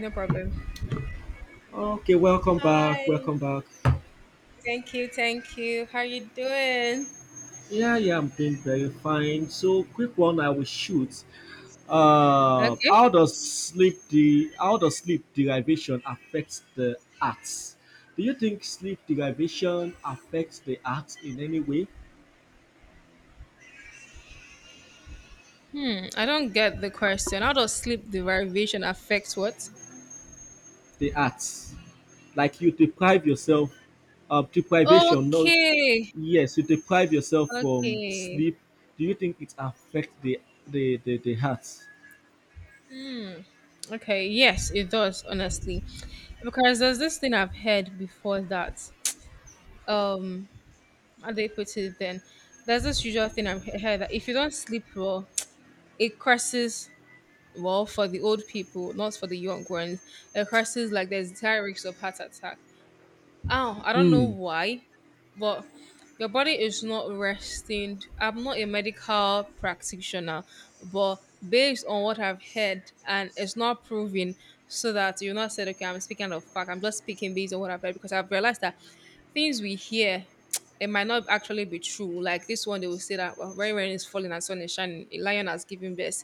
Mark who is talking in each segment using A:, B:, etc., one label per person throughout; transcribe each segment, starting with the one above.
A: No problem.
B: Okay, welcome back.
A: Hi.
B: Welcome back.
A: Thank you. Thank you. How you doing?
B: Yeah, yeah, I'm doing very fine. So, quick one I will shoot. Uh,
A: Okay.
B: how does sleep the how does sleep derivation affect the arts? Do you think sleep derivation affects the arts in any way?
A: Hmm. I don't get the question. How does sleep deprivation affect what?
B: The arts, like you deprive yourself of deprivation. No,
A: Okay.
B: yes, you deprive yourself from
A: Okay.
B: sleep. Do you think it affects the arts?
A: Okay. Yes, it does. Honestly, because there's this thing I've heard before that um how do they put it then there's this usual thing I've heard that if you don't sleep well, it crosses well for the old people, not for the young ones. It crosses like there's high risk of heart attack. Oh, I don't know
B: Hmm.
A: why, but your body is not resting. I'm not a medical practitioner, but based on what I've heard, and it's not proven, so that you're not said, okay, I'm speaking of fact. I'm just speaking based on what I've heard because I've realized that things we hear, it might not actually be true. Like this one, they will say that well, rain is falling and sun is shining. A lion has given birth.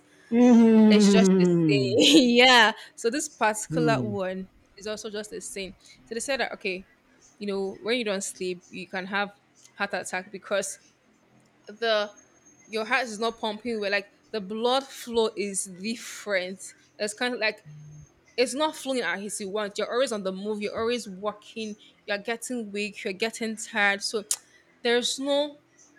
A: It's just a saying.
B: Hmm.
A: Yeah. So this particular
B: Hmm.
A: one is also just a saying. So they said that okay, you know when you don't sleep you can have heart attack because the your heart is not pumping well, like the blood flow is different. It's kind of like it's not flowing as you want. You're always on the move, you're always walking, you're getting weak, you're getting tired, so there's no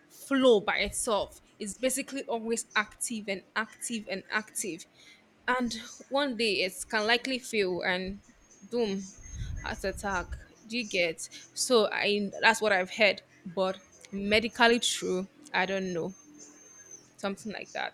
A: flow by itself. It's basically always active and active and active, and one day it can likely fail and boom, heart attack. Do you get? So I that's what I've heard, but medically true, I don't know. Something like that.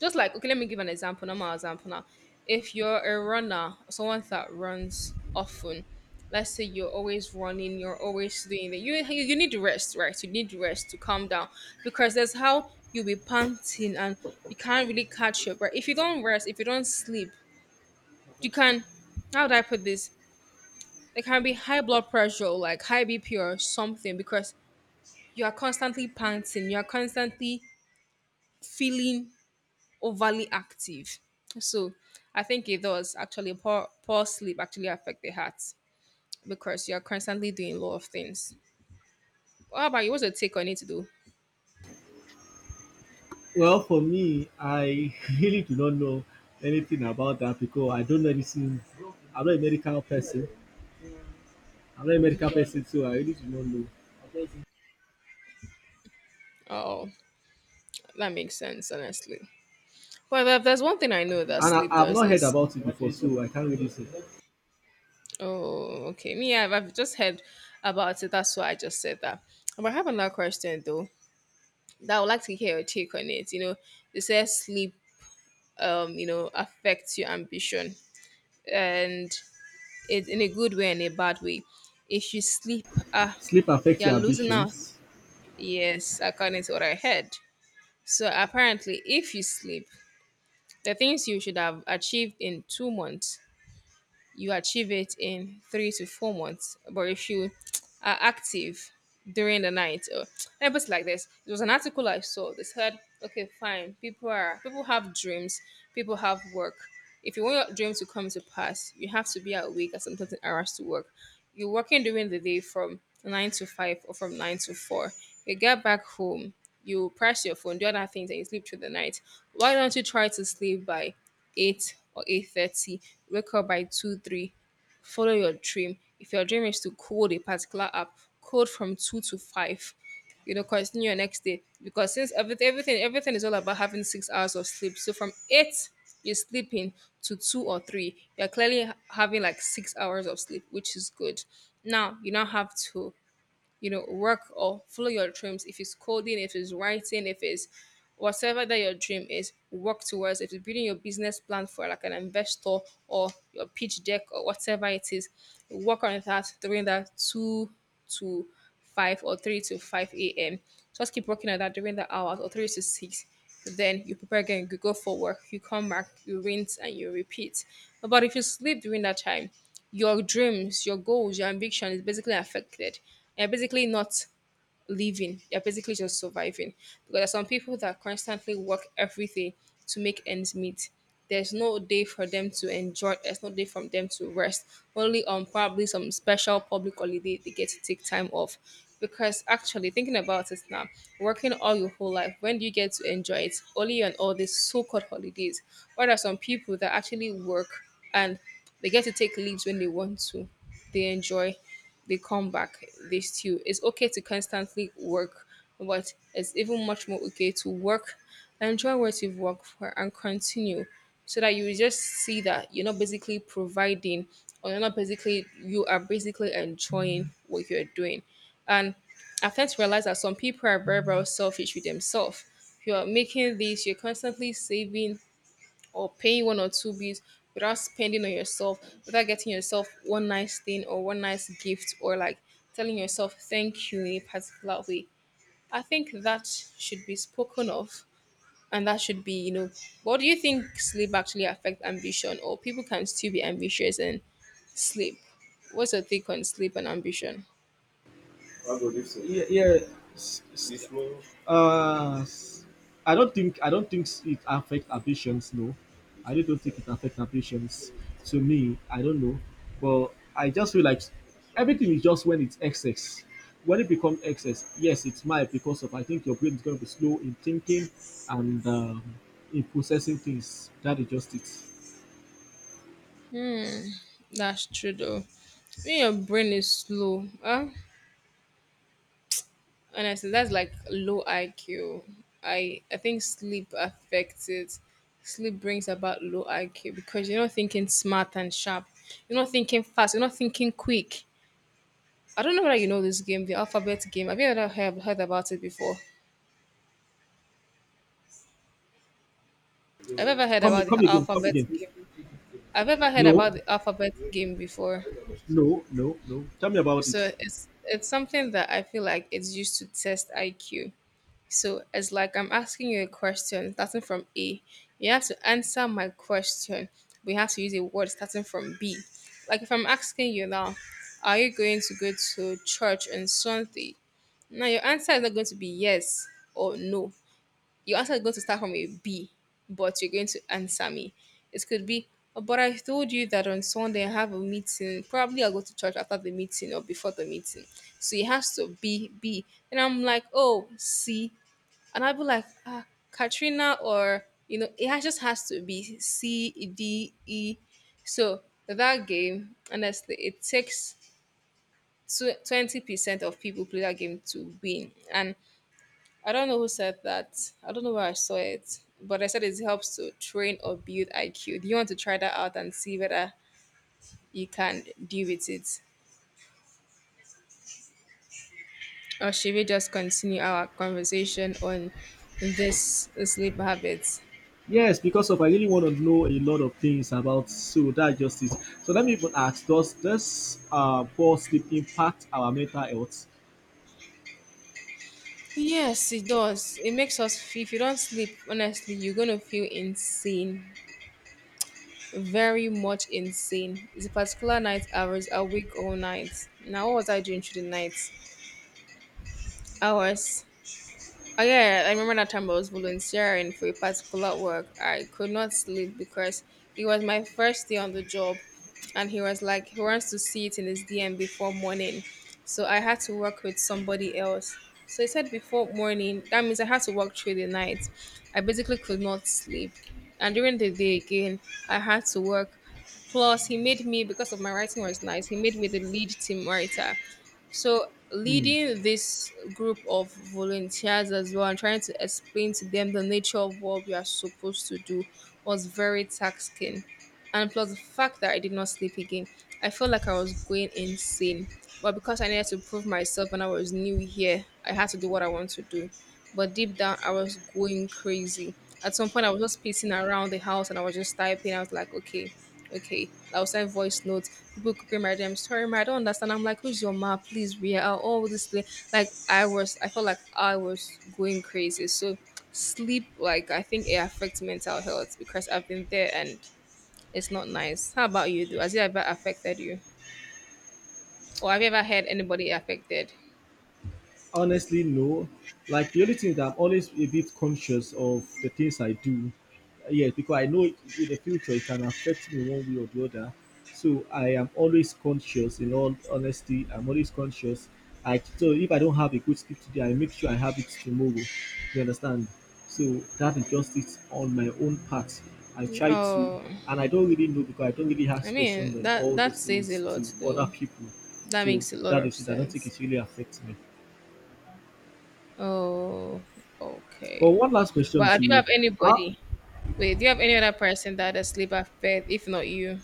A: Just like okay, let me give an example, normal example now. If you're a runner, someone that runs often, let's say you're always running, you're always doing that, you need rest, right? You need rest to calm down, because that's how you'll be panting, and you can't really catch your breath if you don't rest, if you don't sleep. You can, how would I put this? There can be high blood pressure, like high BP or something, because you are constantly panting, you are constantly feeling overly active. So I think it does actually, poor sleep actually affect the heart, because you are constantly doing a lot of things. What about you? What's your take on it to do?
B: Well, for me, I really do not know anything about that because I don't know anything. I'm not a medical person. I'm not a medical person, so I really do not know.
A: Oh, that makes sense, honestly. But if there's one thing I know that
B: And I,
A: sleep
B: I've
A: does
B: not heard
A: is
B: about it before, so I can't really say.
A: oh okay. Me, I've just heard about it. That's why I just said that. But I have another question though, that I would like to hear your take on it. You know, they say sleep, affects your ambition, and it in a good way and a bad way. If you sleep, ah,
B: Sleep affects
A: you're
B: your
A: losing out.
B: ambitions.
A: Yes, according to what I heard. So apparently, if you sleep, the things you should have achieved in 2 months you achieve it in 3 to 4 months. But if you are active during the night, or let me put it like this: there was an article I saw. They said, "Okay, fine. People have dreams. People have work. If you want your dream to come to pass, you have to be awake at some certain hours to work." You're working during the day from 9 to 5 or from 9 to 4. You get back home, you press your phone, do other things, and you sleep through the night. Why don't you try to sleep by 8 or 8:30, wake up by 2, 3, follow your dream. If your dream is to code a particular app, code from 2 to 5, you know, continue your next day. Because since everything, everything, everything is all about having 6 hours of sleep. So from eight you're sleeping to two or three, you're clearly having like 6 hours of sleep, which is good. Now you now have to, you know, work or follow your dreams. If it's coding, if it's writing, if it's whatever that your dream is, work towards. If it's building your business plan for like an investor or your pitch deck or whatever it is, work on that during that 2 to 5 or 3 to 5 a.m. Just keep working on that during the hours or 3 to 6. Then you prepare again, you go for work, you come back, you rinse and you repeat. But if you sleep during that time, your dreams, your goals, your ambition is basically affected. You're basically not living. They're basically just surviving. Because there are some people that constantly work everything to make ends meet. There's no day for them to enjoy. There's no day for them to rest. Only on probably some special public holiday they get to take time off. Because actually, thinking about it now, working all your whole life, when do you get to enjoy it? Only on all these so-called holidays. Or there are some people that actually work and they get to take leaves when they want to. They enjoy, they come back, they still. It's okay to constantly work, but it's even much more okay to work, enjoy what you've worked for, and continue, so that you just see that you're not basically providing, or you're not basically, you are basically enjoying what you're doing. And I've come to realize that some people are very, very selfish with themselves. You're making this, you're constantly saving or paying one or two bills without spending on yourself, without getting yourself one nice thing or one nice gift, or like telling yourself thank you in a particular way. I think that should be spoken of, and that should be, you know, what do you think, sleep actually affect ambition, or people can still be ambitious and sleep? What's your take on sleep and ambition?
B: What God if so? Yeah, yeah, this morning? uh s- I don't think I don't think it affects ambitions. No, I really don't think it affects ambitions. To me, I don't know, but I just feel like everything is just when it's excess, when it becomes excess, yes it's might because of I think your brain is going to be slow in thinking and in processing things. That is just it.
A: That's true though. When your brain is slow, huh? Honestly, that's like low IQ. I think sleep affects it. Sleep brings about low IQ because you're not thinking smart and sharp. You're not thinking fast. You're not thinking quick. I don't know whether you know this game, the alphabet game. Have you ever heard about it before? I've ever heard
B: come
A: about
B: come
A: the
B: again come
A: alphabet
B: again
A: game. I've ever heard
B: Yeah.
A: about
B: No
A: the alphabet game before.
B: no, tell me about
A: So
B: it.
A: it's something that I feel like it's used to test IQ. So it's like I'm asking you a question starting from A. You have to answer my question. We have to use a word starting from B. Like if I'm asking you now, are you going to go to church on Sunday? Now your answer is not going to be yes or no. Your answer is going to start from a B, but you're going to answer me. It could be, "Oh, but I told you that on Sunday I have a meeting. Probably I'll go to church after the meeting or before the meeting. So it has to be B." And I'm like, oh, C. And I'd be like, ah, Katrina, or you know, it just has to be C E, D E. So that game, honestly, it takes 20% of people play that game to win. And I don't know who said that. I don't know where I saw it, but I said it helps to train or build IQ. Do you want to try that out and see whether you can deal with it, or should we just continue our conversation on this sleep habits?
B: Yes, because of I really want to know a lot of things about so that justice. So let me even ask, does this poor sleep impact our mental health?
A: Yes, it does. It makes us feel, if you don't sleep, honestly, you're going to feel insane. Very much insane. It's a particular night hours. I wake all night. Now, what was I doing through the night hours? Oh yeah, yeah, I remember that time I was volunteering for a particular work. I could not sleep because it was my first day on the job, and he was like, he wants to see it in his DM before morning. So I had to work with somebody else. So he said before morning. That means I had to work through the night. I basically could not sleep, and during the day again, I had to work. Plus, he made me because of my writing was nice. He made me the lead team writer. So
B: Hmm.
A: leading this group of volunteers as well and trying to explain to them the nature of what we are supposed to do was very taxing. And plus the fact that I did not sleep again, I felt like I was going insane. But because I needed to prove myself and I was new here, I had to do what I want to do. But deep down, I was going crazy. At some point, I was just pacing around the house and I was just typing. I was like, okay, okay. I'll send voice notes. People copy my DM. Sorry, ma, I don't understand. I'm like, who's your ma? Please, Ria. All this play. I felt like I was going crazy. So sleep, I think it affects mental health because I've been there and it's not nice. How about you? Though? Has it ever affected you, or have you ever had anybody affected?
B: Honestly, no. Like the only thing is that I'm always a bit conscious of the things I do. Yes, because I know it, in the future it can affect me one way or the other. So I am always conscious. In all honesty, I'm always conscious. I so if I don't have a good script today, I make sure I have it tomorrow. You understand? So that is just it on my own part. I try to,
A: Oh,
B: and I don't really know because I don't really
A: I
B: ask questions
A: mean
B: on
A: that
B: all
A: that
B: those
A: says a
B: things
A: lot
B: to other
A: though.
B: people.
A: That
B: So
A: makes a lot
B: that
A: of
B: is it. I don't think
A: sense.
B: it really affects me.
A: Oh,
B: But
A: okay.
B: one last question
A: But
B: to
A: do you have
B: you. Uh,
A: anybody? Wait, do you have any other person that has sleep affect, if not you?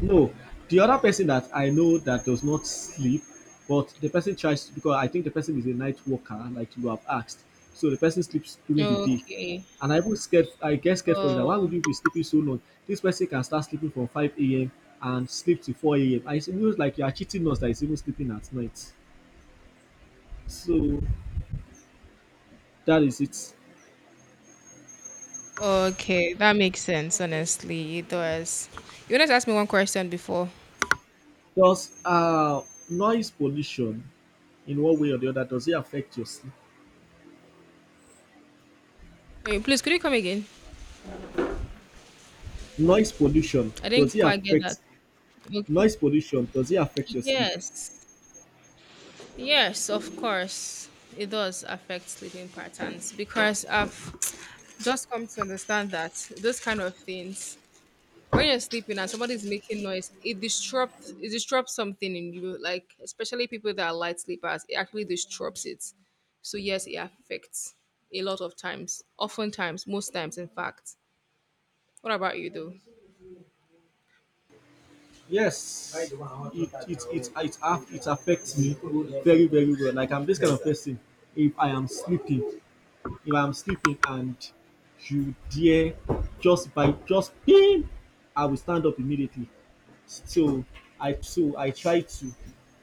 B: no, the other person that I know that does not sleep, but the person tries to, because I think the person is a night worker, like you have asked. So the person sleeps during the day.
A: Okay.
B: And I was scared, I get scared for him that why would
A: Oh,
B: you be sleeping so long? This person can start sleeping from 5 a.m. and sleep to 4 a.m. I feels like you are cheating us that is even sleeping at night. So that is it.
A: okay. That makes sense, honestly. It does. You wanted to ask me one question before.
B: Does noise pollution in one way or the other, does it affect your sleep?
A: Wait, please, could you come again?
B: Noise pollution,
A: I
B: does
A: didn't
B: it
A: quite get
B: affect
A: that. Okay.
B: noise pollution, does it affect your sleep?
A: Yes. Yes, of course. It does affect sleeping patterns because I've just come to understand that those kind of things when you're sleeping and somebody's making noise, it disrupts something in you. Like especially people that are light sleepers, it actually disrupts it. So yes, it affects a lot of times, oftentimes, most times, in fact. What about you though?
B: Yes, it affects me very very well. Like I'm this kind of person. If I am sleeping, if I'm sleeping and you dare just by just ping, I will stand up immediately. So so I tried to.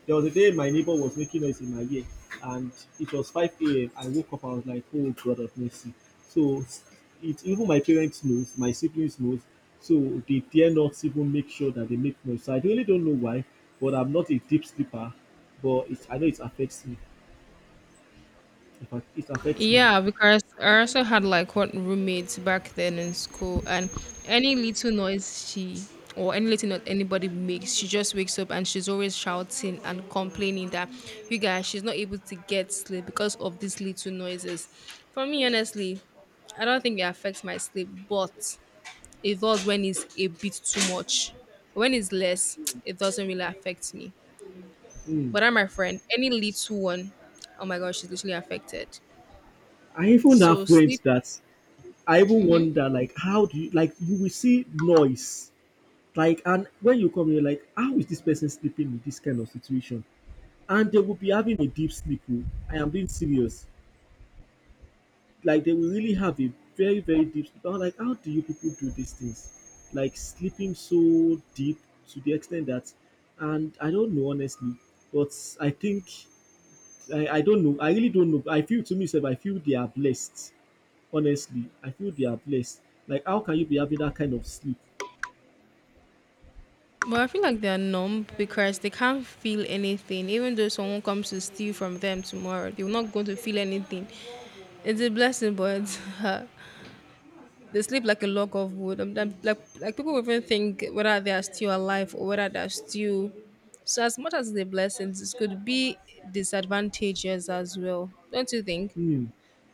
B: There was a day my neighbor was making noise in my ear, and it was 5 a.m. I woke up. I was like, "Oh God of mercy!" So it even my parents knows, my siblings knows. So they dare not even make sure that they make noise. So I really don't know why, but I'm not a deep sleeper. But it, I know it affects me. It affects me.
A: Yeah, because I also had like one roommate back then in school, and any little noise she or any little noise anybody makes, she just wakes up and she's always shouting and complaining that you guys, she's not able to get sleep because of these little noises. For me, honestly, I don't think it affects my sleep, but it does when it's a bit too much. When it's less, it doesn't really affect me.
B: Mm.
A: But I'm my friend, any little one, oh my gosh, she's literally affected.
B: I even have
A: So
B: friends
A: sleep.
B: that I even
A: Mhm.
B: wonder like how do you like you will see noise. Like, and when you come, you're like, how is this person sleeping with this kind of situation? And they will be having a deep sleep. Oh. I am being serious. Like, they will really have a very, very deep sleep. I was like, how do you people do these things? Like, sleeping so deep to the extent that, and I don't know, honestly, but I think, I don't know. I really don't know. I feel to myself, I feel they are blessed. Honestly, I feel they are blessed. Like, how can you be having that kind of sleep?
A: But I feel like they are numb because they can't feel anything. Even though someone comes to steal from them tomorrow, they're not going to feel anything. It's a blessing, but they sleep like a log of wood. Like, people will even think whether they are still alive or whether they are still. So as much as the blessings, it could be disadvantages as well, don't you think?
B: Hmm.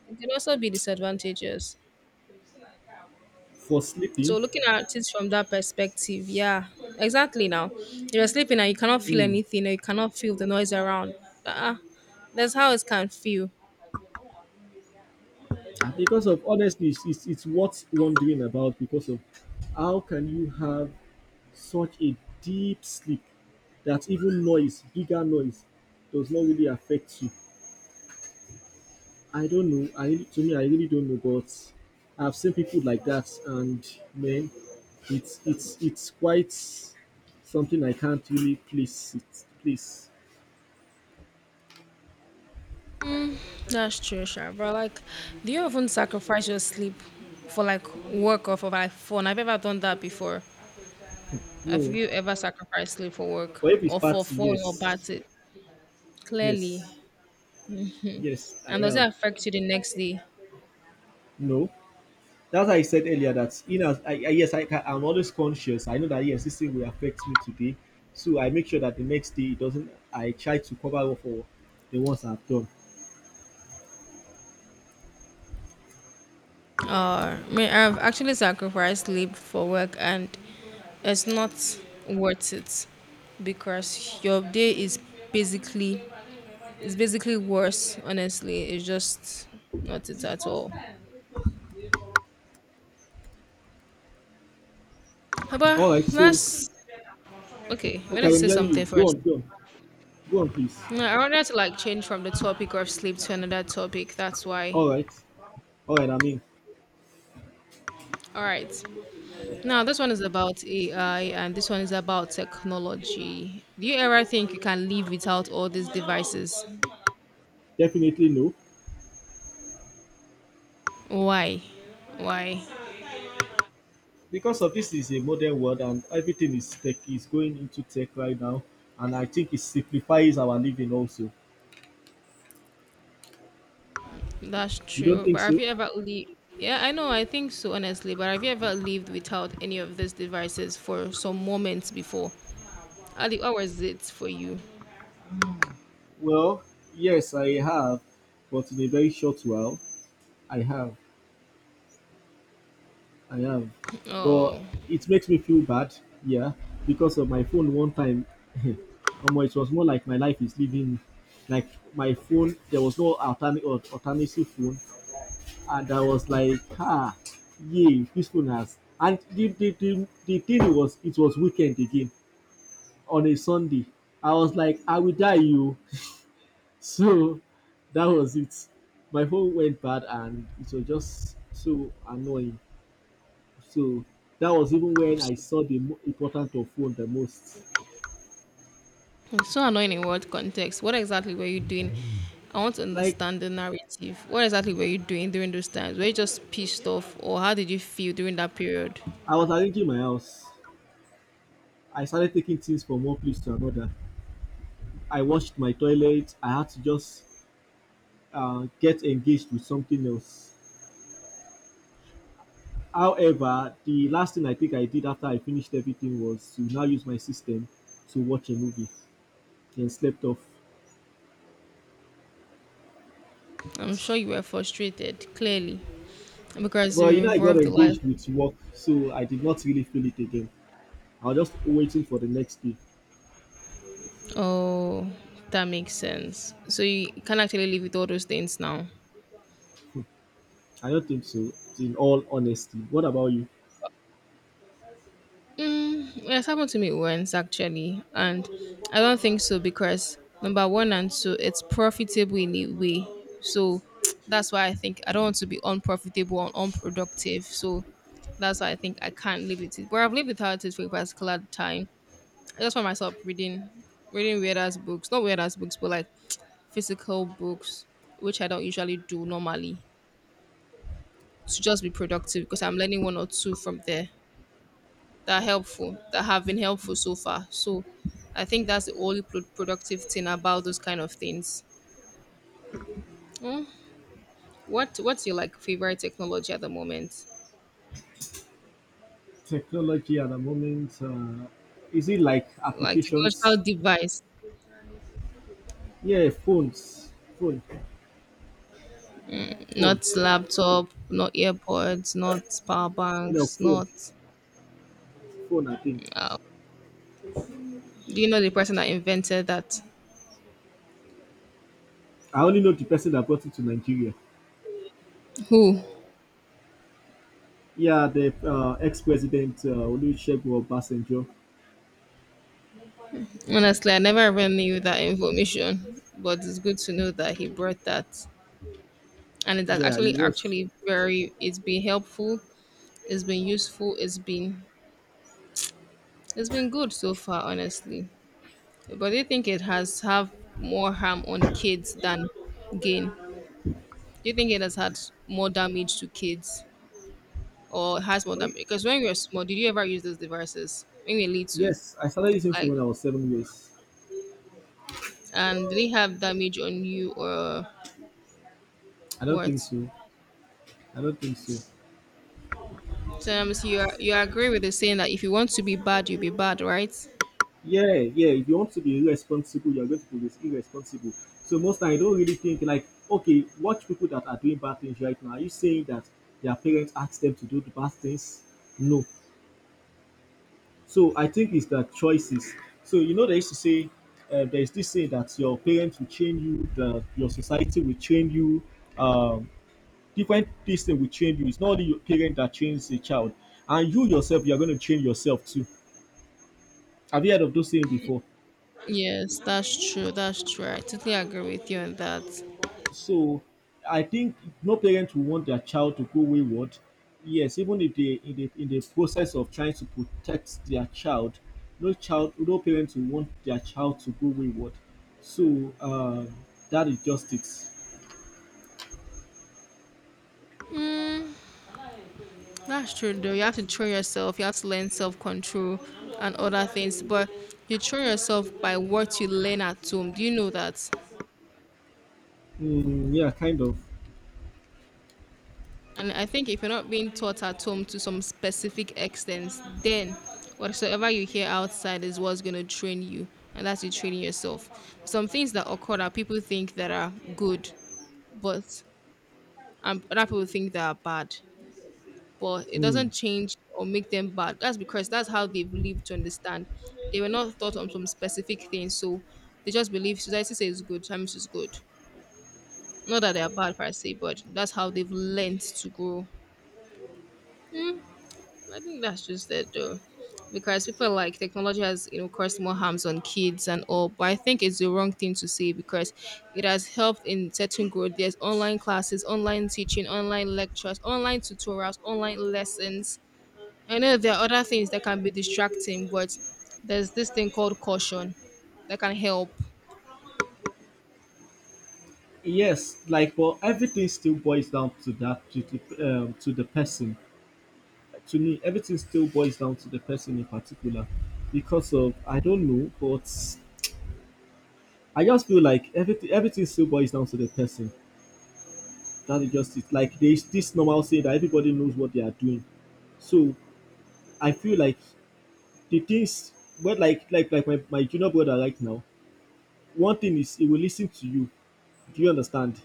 A: It could also be disadvantages.
B: For
A: So
B: sleeping?
A: looking at it from that perspective, yeah, exactly. Now you're sleeping and you cannot feel
B: Hmm.
A: anything, or you cannot feel the noise around. Uh, that's how it can feel.
B: Ah, because of honestly, it's worth wondering about because of how can you have such a deep sleep that even noise, bigger noise, does not really affect you. I don't know. To me, I really don't know, but I've seen people like that, and man, it's quite something I can't really place it. Place
A: That's true, sure. But like, do you often sacrifice your sleep for like work or for like fun? I've ever done that before. Have
B: no,
A: you ever sacrificed sleep for work
B: but if it's
A: or for
B: party,
A: fun or
B: yes,
A: party? Clearly,
B: yes, yes, I
A: and does it
B: am.
A: affect you the next day?
B: No, that's why I said earlier that in as I yes I can, I'm always conscious. I know that yes this thing will affect me today, so I make sure that the next day it doesn't. I try to cover up for the ones I've done.
A: I mean, I've actually sacrificed sleep for work, and it's not worth it because your day is basically it's basically worse. Honestly, it's just not it at all. But
B: All right, so
A: let's okay. We need to
B: okay, I'm
A: say
B: hearing you.
A: something first.
B: Please.
A: No, I wanted to like change from the topic of sleep to another topic. That's why.
B: All right, all right. I mean,
A: All right. Now this one is about AI, and this one is about technology. Do you ever think you can live without all these devices?
B: definitely no,
A: Why? Why?
B: because of this is a modern world and everything is tech is going into tech right now, and I think it simplifies our living also.
A: That's
B: You don't
A: true. But
B: think
A: have
B: so?
A: you ever lived? Yeah, I know. I think so, honestly. But have you ever lived without any of these devices for some moments before? Ali, what was it for you?
B: Well, yes, I have, but in a very short while, I have. I have, but
A: Oh,
B: it makes me feel bad, yeah, because of my phone one time. Omo, it was more like my life is leaving me. Like my phone, there was no alternate alternative phone, and I was like, ah, yeah, this phone has. And the thing was, it was weekend again on a Sunday. I was like, I will die, you. So that was it. My phone went bad, and it was just so annoying. So that was even when I saw the importance of phone the most.
A: it's so annoying in what context? What exactly were you doing? I want to
B: Like
A: understand the narrative. What exactly were you doing during those times? Were you just pissed off, or how did you feel during that period?
B: I was arranging my house, I started taking things from one place to another. I washed my toilet. I had to just get engaged with something else. However, the last thing I think I did after I finished everything was to now use my system to watch a movie and slept off.
A: I'm sure you were frustrated, clearly, because
B: But you
A: you
B: know, I got
A: revolved the life.
B: engaged with work, so I did not really feel it again. I was just waiting for the next day.
A: Oh, that makes sense. So you can actually live with all those things now.
B: I don't think so, in all honesty. What about you?
A: Mm, well, it's happened to me once actually, and I don't think so because number one and two, it's profitable in a way. So that's why I think I don't want to be unprofitable and unproductive. So that's why I think I can't live with it. But I've lived without it for a particular time. I just find myself reading weird ass books. Not weird ass books, but like physical books, which I don't usually do normally. To just be productive because I'm learning one or two from there that are helpful, that have been helpful so far. So I think that's the only pro- productive thing about those kind of things. Mm. What's your like favorite technology at the moment?
B: Technology at the moment, is it like
A: Like
B: applications?
A: technological device,
B: Yeah, phones phone
A: not
B: phone
A: laptop, not earpods, not power
B: no,
A: banks,
B: phone
A: not.
B: phone I think.
A: Uh, do you know the person that invented that?
B: I only know the person that brought it to Nigeria.
A: Who?
B: Yeah, the ex-president, Olusegun Obasanjo.
A: Honestly, I never even knew that information, but it's good to know that he brought that and it has
B: Yeah, he was.
A: actually very it's been helpful, it's been useful, it's been, it's been good so far, honestly. But do you think it has have more harm on kids than gain? Do you think it has had more damage to kids or has more
B: Wait,
A: damage because when you were small did you ever use those devices when you were little?
B: yes, I started using phone when I
A: Like,
B: was 7 years.
A: and did they have damage on you or
B: I don't think
A: what?
B: so. I don't think so.
A: So so you agree with the saying that if you want to be bad you'll be bad, right?
B: Yeah, yeah. If you want to be irresponsible, you're going to be irresponsible. So most time, I don't really think like, okay, watch people that are doing bad things right now. Are you saying that their parents asked them to do the bad things? No. So I think it's that choices. So you know they used to say there is this saying that your parents will train you, that your society will train you, um, different things they will train you. It's not only your parent that trains a child, and you yourself, you are going to train yourself too. Have you heard of those saying before?
A: Yes, that's true. That's true. I totally agree with you on that.
B: So I think no parent will want their child to go wayward. Yes, even if they in the process of trying to protect their child, no parent will want their child to go wayward. So that is just it.
A: That's true, though. You have to train yourself. You have to learn self control and other things. But you train yourself by what you learn at home. Do you know that?
B: Mm, yeah, kind of.
A: And I think if you're not being taught at home to some specific extent, then whatsoever you hear outside is what's going to train you. And that's you training yourself. Some things that occur that people think that are good, but other people think they are bad. But it doesn't
B: Mm.
A: change or make them bad. That's because that's how they've lived to understand. They were not taught on some specific things, so they just believe society says good, times is good. Not that they are bad per se, but that's how they've learned to grow. Hmm, I think that's just it though. Because people like technology has, you know, caused more harms on kids and all, but I think it's the wrong thing to say because it has helped in certain growth. There's online classes, online teaching, online lectures, online tutorials, online lessons. I know there are other things that can be distracting, but there's this thing called caution that can help.
B: Yes, like but everything still boils down to that to the person. To me, everything still boils down to the person in particular, because of I don't know, but I just feel like everything still boils down to the person. That is just it. Like there's this normal saying that everybody knows what they are doing. So I feel like the things well my junior brother right now, one thing is he will listen to you. Do you understand?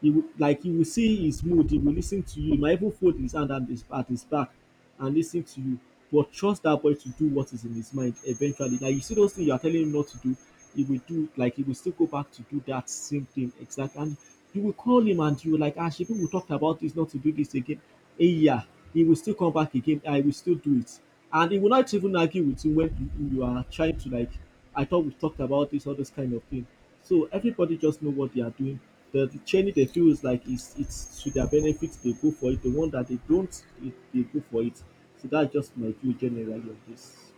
B: He will, like he will see his mood, he will listen to you. He might even fold his hand at at his back and listen to you. But trust that boy to do what is in his mind eventually. Like you see those things you are telling him not to do, he will do like he will still go back to do that same thing exactly. And you will call him and you will like, ah, people we talked about this not to do this again. Eh, yeah, he will still come back again. I will still do it, and he will not even argue with you when you are trying to like. I thought we talked about this, all this kind of thing. So everybody just know what they are doing. The training they feel is like it's to their benefit, they go for it. The one that they don't, it, they go for it. So that's just my view generally of this.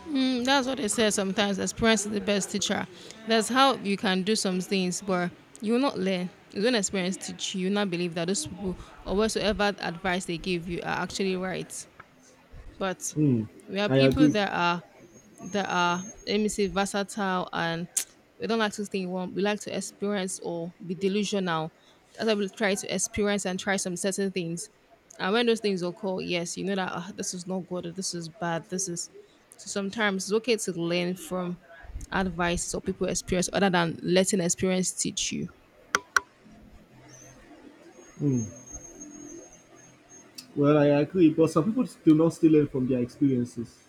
A: Mm, that's what they say sometimes. Experience is the best teacher. That's how you can do some things, but you will not learn. You don't experience teach you. You will not believe that those people or whatsoever advice they give you are actually right. But
B: Hmm.
A: we are
B: I
A: people
B: agree.
A: that are, let me say, versatile and we don't like to think. One. We like to experience or be delusional. That's why we try to experience and try some certain things. And when those things occur, yes, you know that "Ah, this is not good, or this is bad, this is." So sometimes it's okay to learn from advices or people experience other than letting experience teach you.
B: Hmm. Well, I agree, but some people do not still learn from their experiences.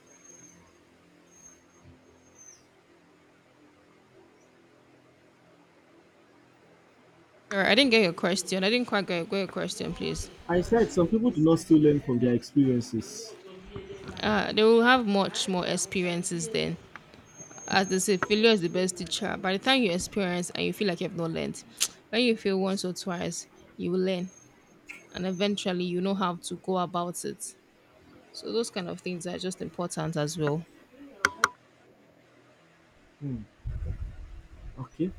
A: Sure, I didn't get your question. I didn't quite get your question, please.
B: I said some people do not still learn from their experiences.
A: They will have much more experiences then. As they say, failure is the best teacher. By the time you experience and you feel like you've not learned, when you fail once or twice, you will learn and eventually you know how to go about it. So those kind of things are just important as well.
B: Hmm. Okay,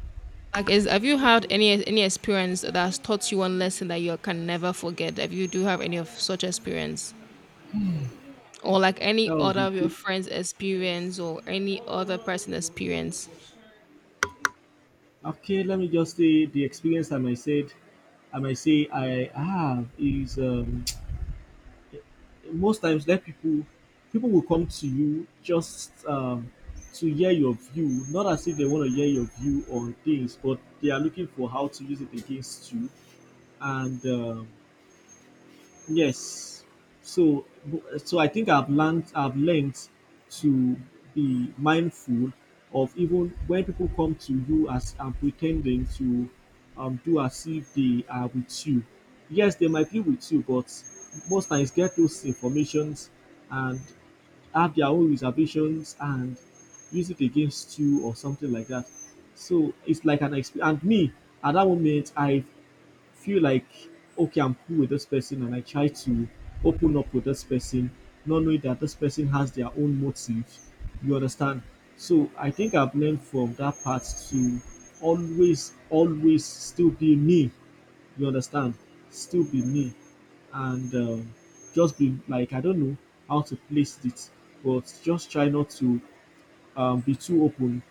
A: Like, is, have you had any experience that has taught you one lesson that you can never forget? If you do have any of such experience, or like any
B: that was
A: other
B: a
A: of your
B: good.
A: friends' experience, or any other person' experience?
B: Okay, let me just say the experience I might say I have is most times let people will come to you just to hear your view, not as if they want to hear your view on things, but they are looking for how to use it against you and yes. So I think I've learned to be mindful of even when people come to you as and pretending to do as if they are with you. Yes, they might be with you, but most times get those informations and have their own reservations and use it against you or something like that. So it's like an experience. And me, at that moment, I feel like, okay, I'm cool with this person, and I try to open up with this person, not knowing that this person has their own motives. You understand? So I think I've learned from that part to always still be me. You understand? Still be me, and just be like, I don't know how to place it, but just try not to be too open.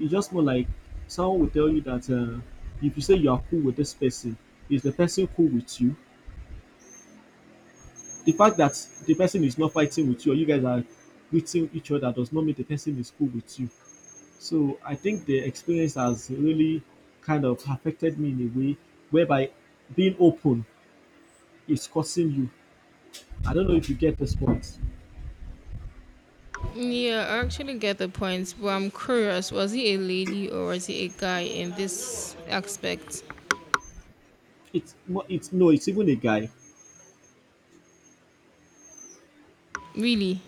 B: It's just more like someone will tell you that if you say you are cool with this person, is the person cool with you? The fact that the person is not fighting with you or you guys are greeting each other does not mean the person is cool with you. So I think the experience has really kind of affected me in a way whereby being open is causing you. I don't know if you get this point.
A: Yeah, I actually get the point, but I'm curious, was he a lady or was he a guy in this aspect?
B: It's mo- it's no, it's even a guy.
A: Really?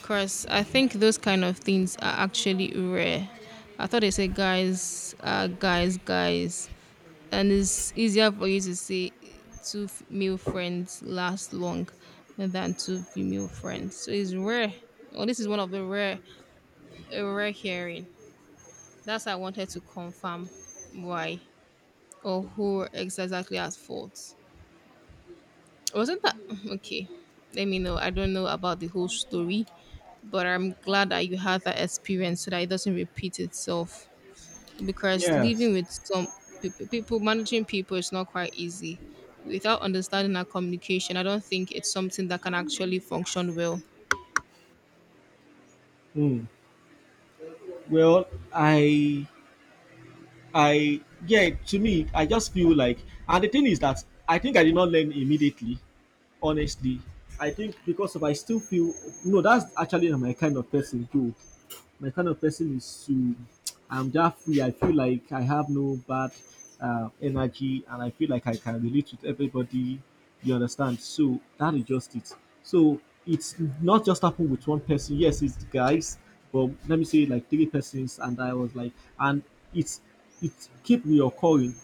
A: Because I think those kind of things are actually rare. I thought they say guys are guys, guys. And it's easier for you to say two f- male friends last long than two female friends. So it's rare. Oh, this is one of the rare, A rare hearing. That's why I wanted to confirm why. Or who were exactly at fault. Wasn't that okay? Let me know. I don't know about the whole story, but I'm glad that you had that experience so that it doesn't repeat itself. Because
B: Yes.
A: living with some people, managing people is not quite easy. Without understanding our communication, I don't think it's something that can actually function well.
B: Hmm. Well, I I yeah, to me, I just feel like, and the thing is that I think I did not learn immediately. Honestly, I think because of I still feel no, that's actually not my kind of person too. My kind of person is to I'm just free. I feel like I have no bad energy, and I feel like I can relate with everybody. You understand? So that is just it. So it's not just happened with one person. Yes, it's the guys, but let me say like three persons, and I was like, and it's it keep reoccurring,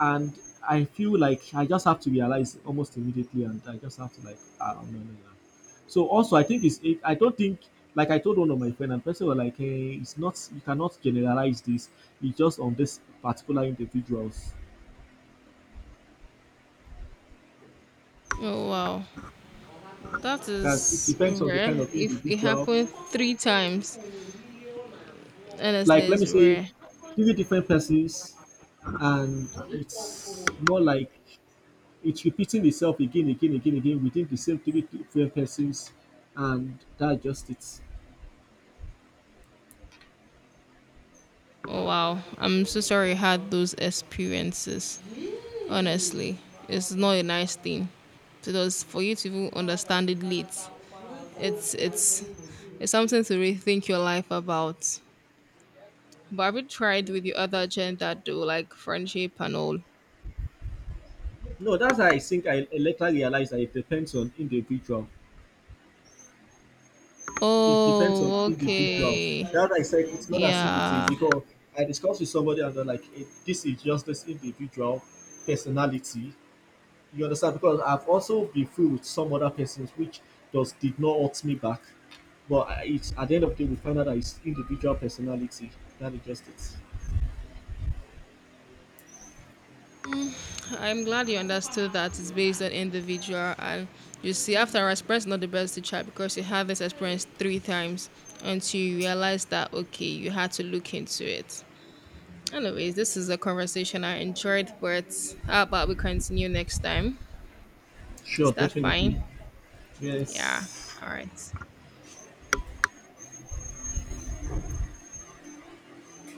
B: and I feel like I just have to realize almost immediately, and I just have to like, ah, no, no, no. So also, I think it's. It, I don't think like I told one of my friend and person was like, hey, it's not. You cannot generalize this. It's just on this particular individuals.
A: Oh wow, that
B: Because it
A: is
B: depends on the kind
A: rare.
B: of
A: If it
B: individual.
A: happened 3 times, honestly,
B: Like let
A: it's
B: me say,
A: rare.
B: three different persons, and it's more like it's repeating itself again, again, again, again within the same three different persons, and that just it.
A: Oh wow, I'm so sorry you had those experiences. Honestly, it's not a nice thing. Because for you to even understand it late, it's it's it's something to rethink your life about. But have you tried with the other gender though, like friendship and all?
B: No, that's how I think I later realized that it depends on individual. It depends on
A: Oh,
B: individual.
A: okay.
B: That I said it's not as if it is
A: Yeah.
B: because I discussed with somebody and they're like, eh, this is just this individual personality. You understand? Because I've also been through with some other persons which does did not hurt me back. But I- it's at the end of the day we find out that it's individual personality. That is just it.
A: Mm, I'm glad you understood that it's based on individual. And you see, after our experience, not the best teacher because you had this experience 3 times until you realize that, okay, you had to look into it. Anyways, this is a conversation I enjoyed, but how about we continue next time? Is
B: Sure,
A: that fine?
B: definitely.
A: Yeah.
B: Yes.
A: All right.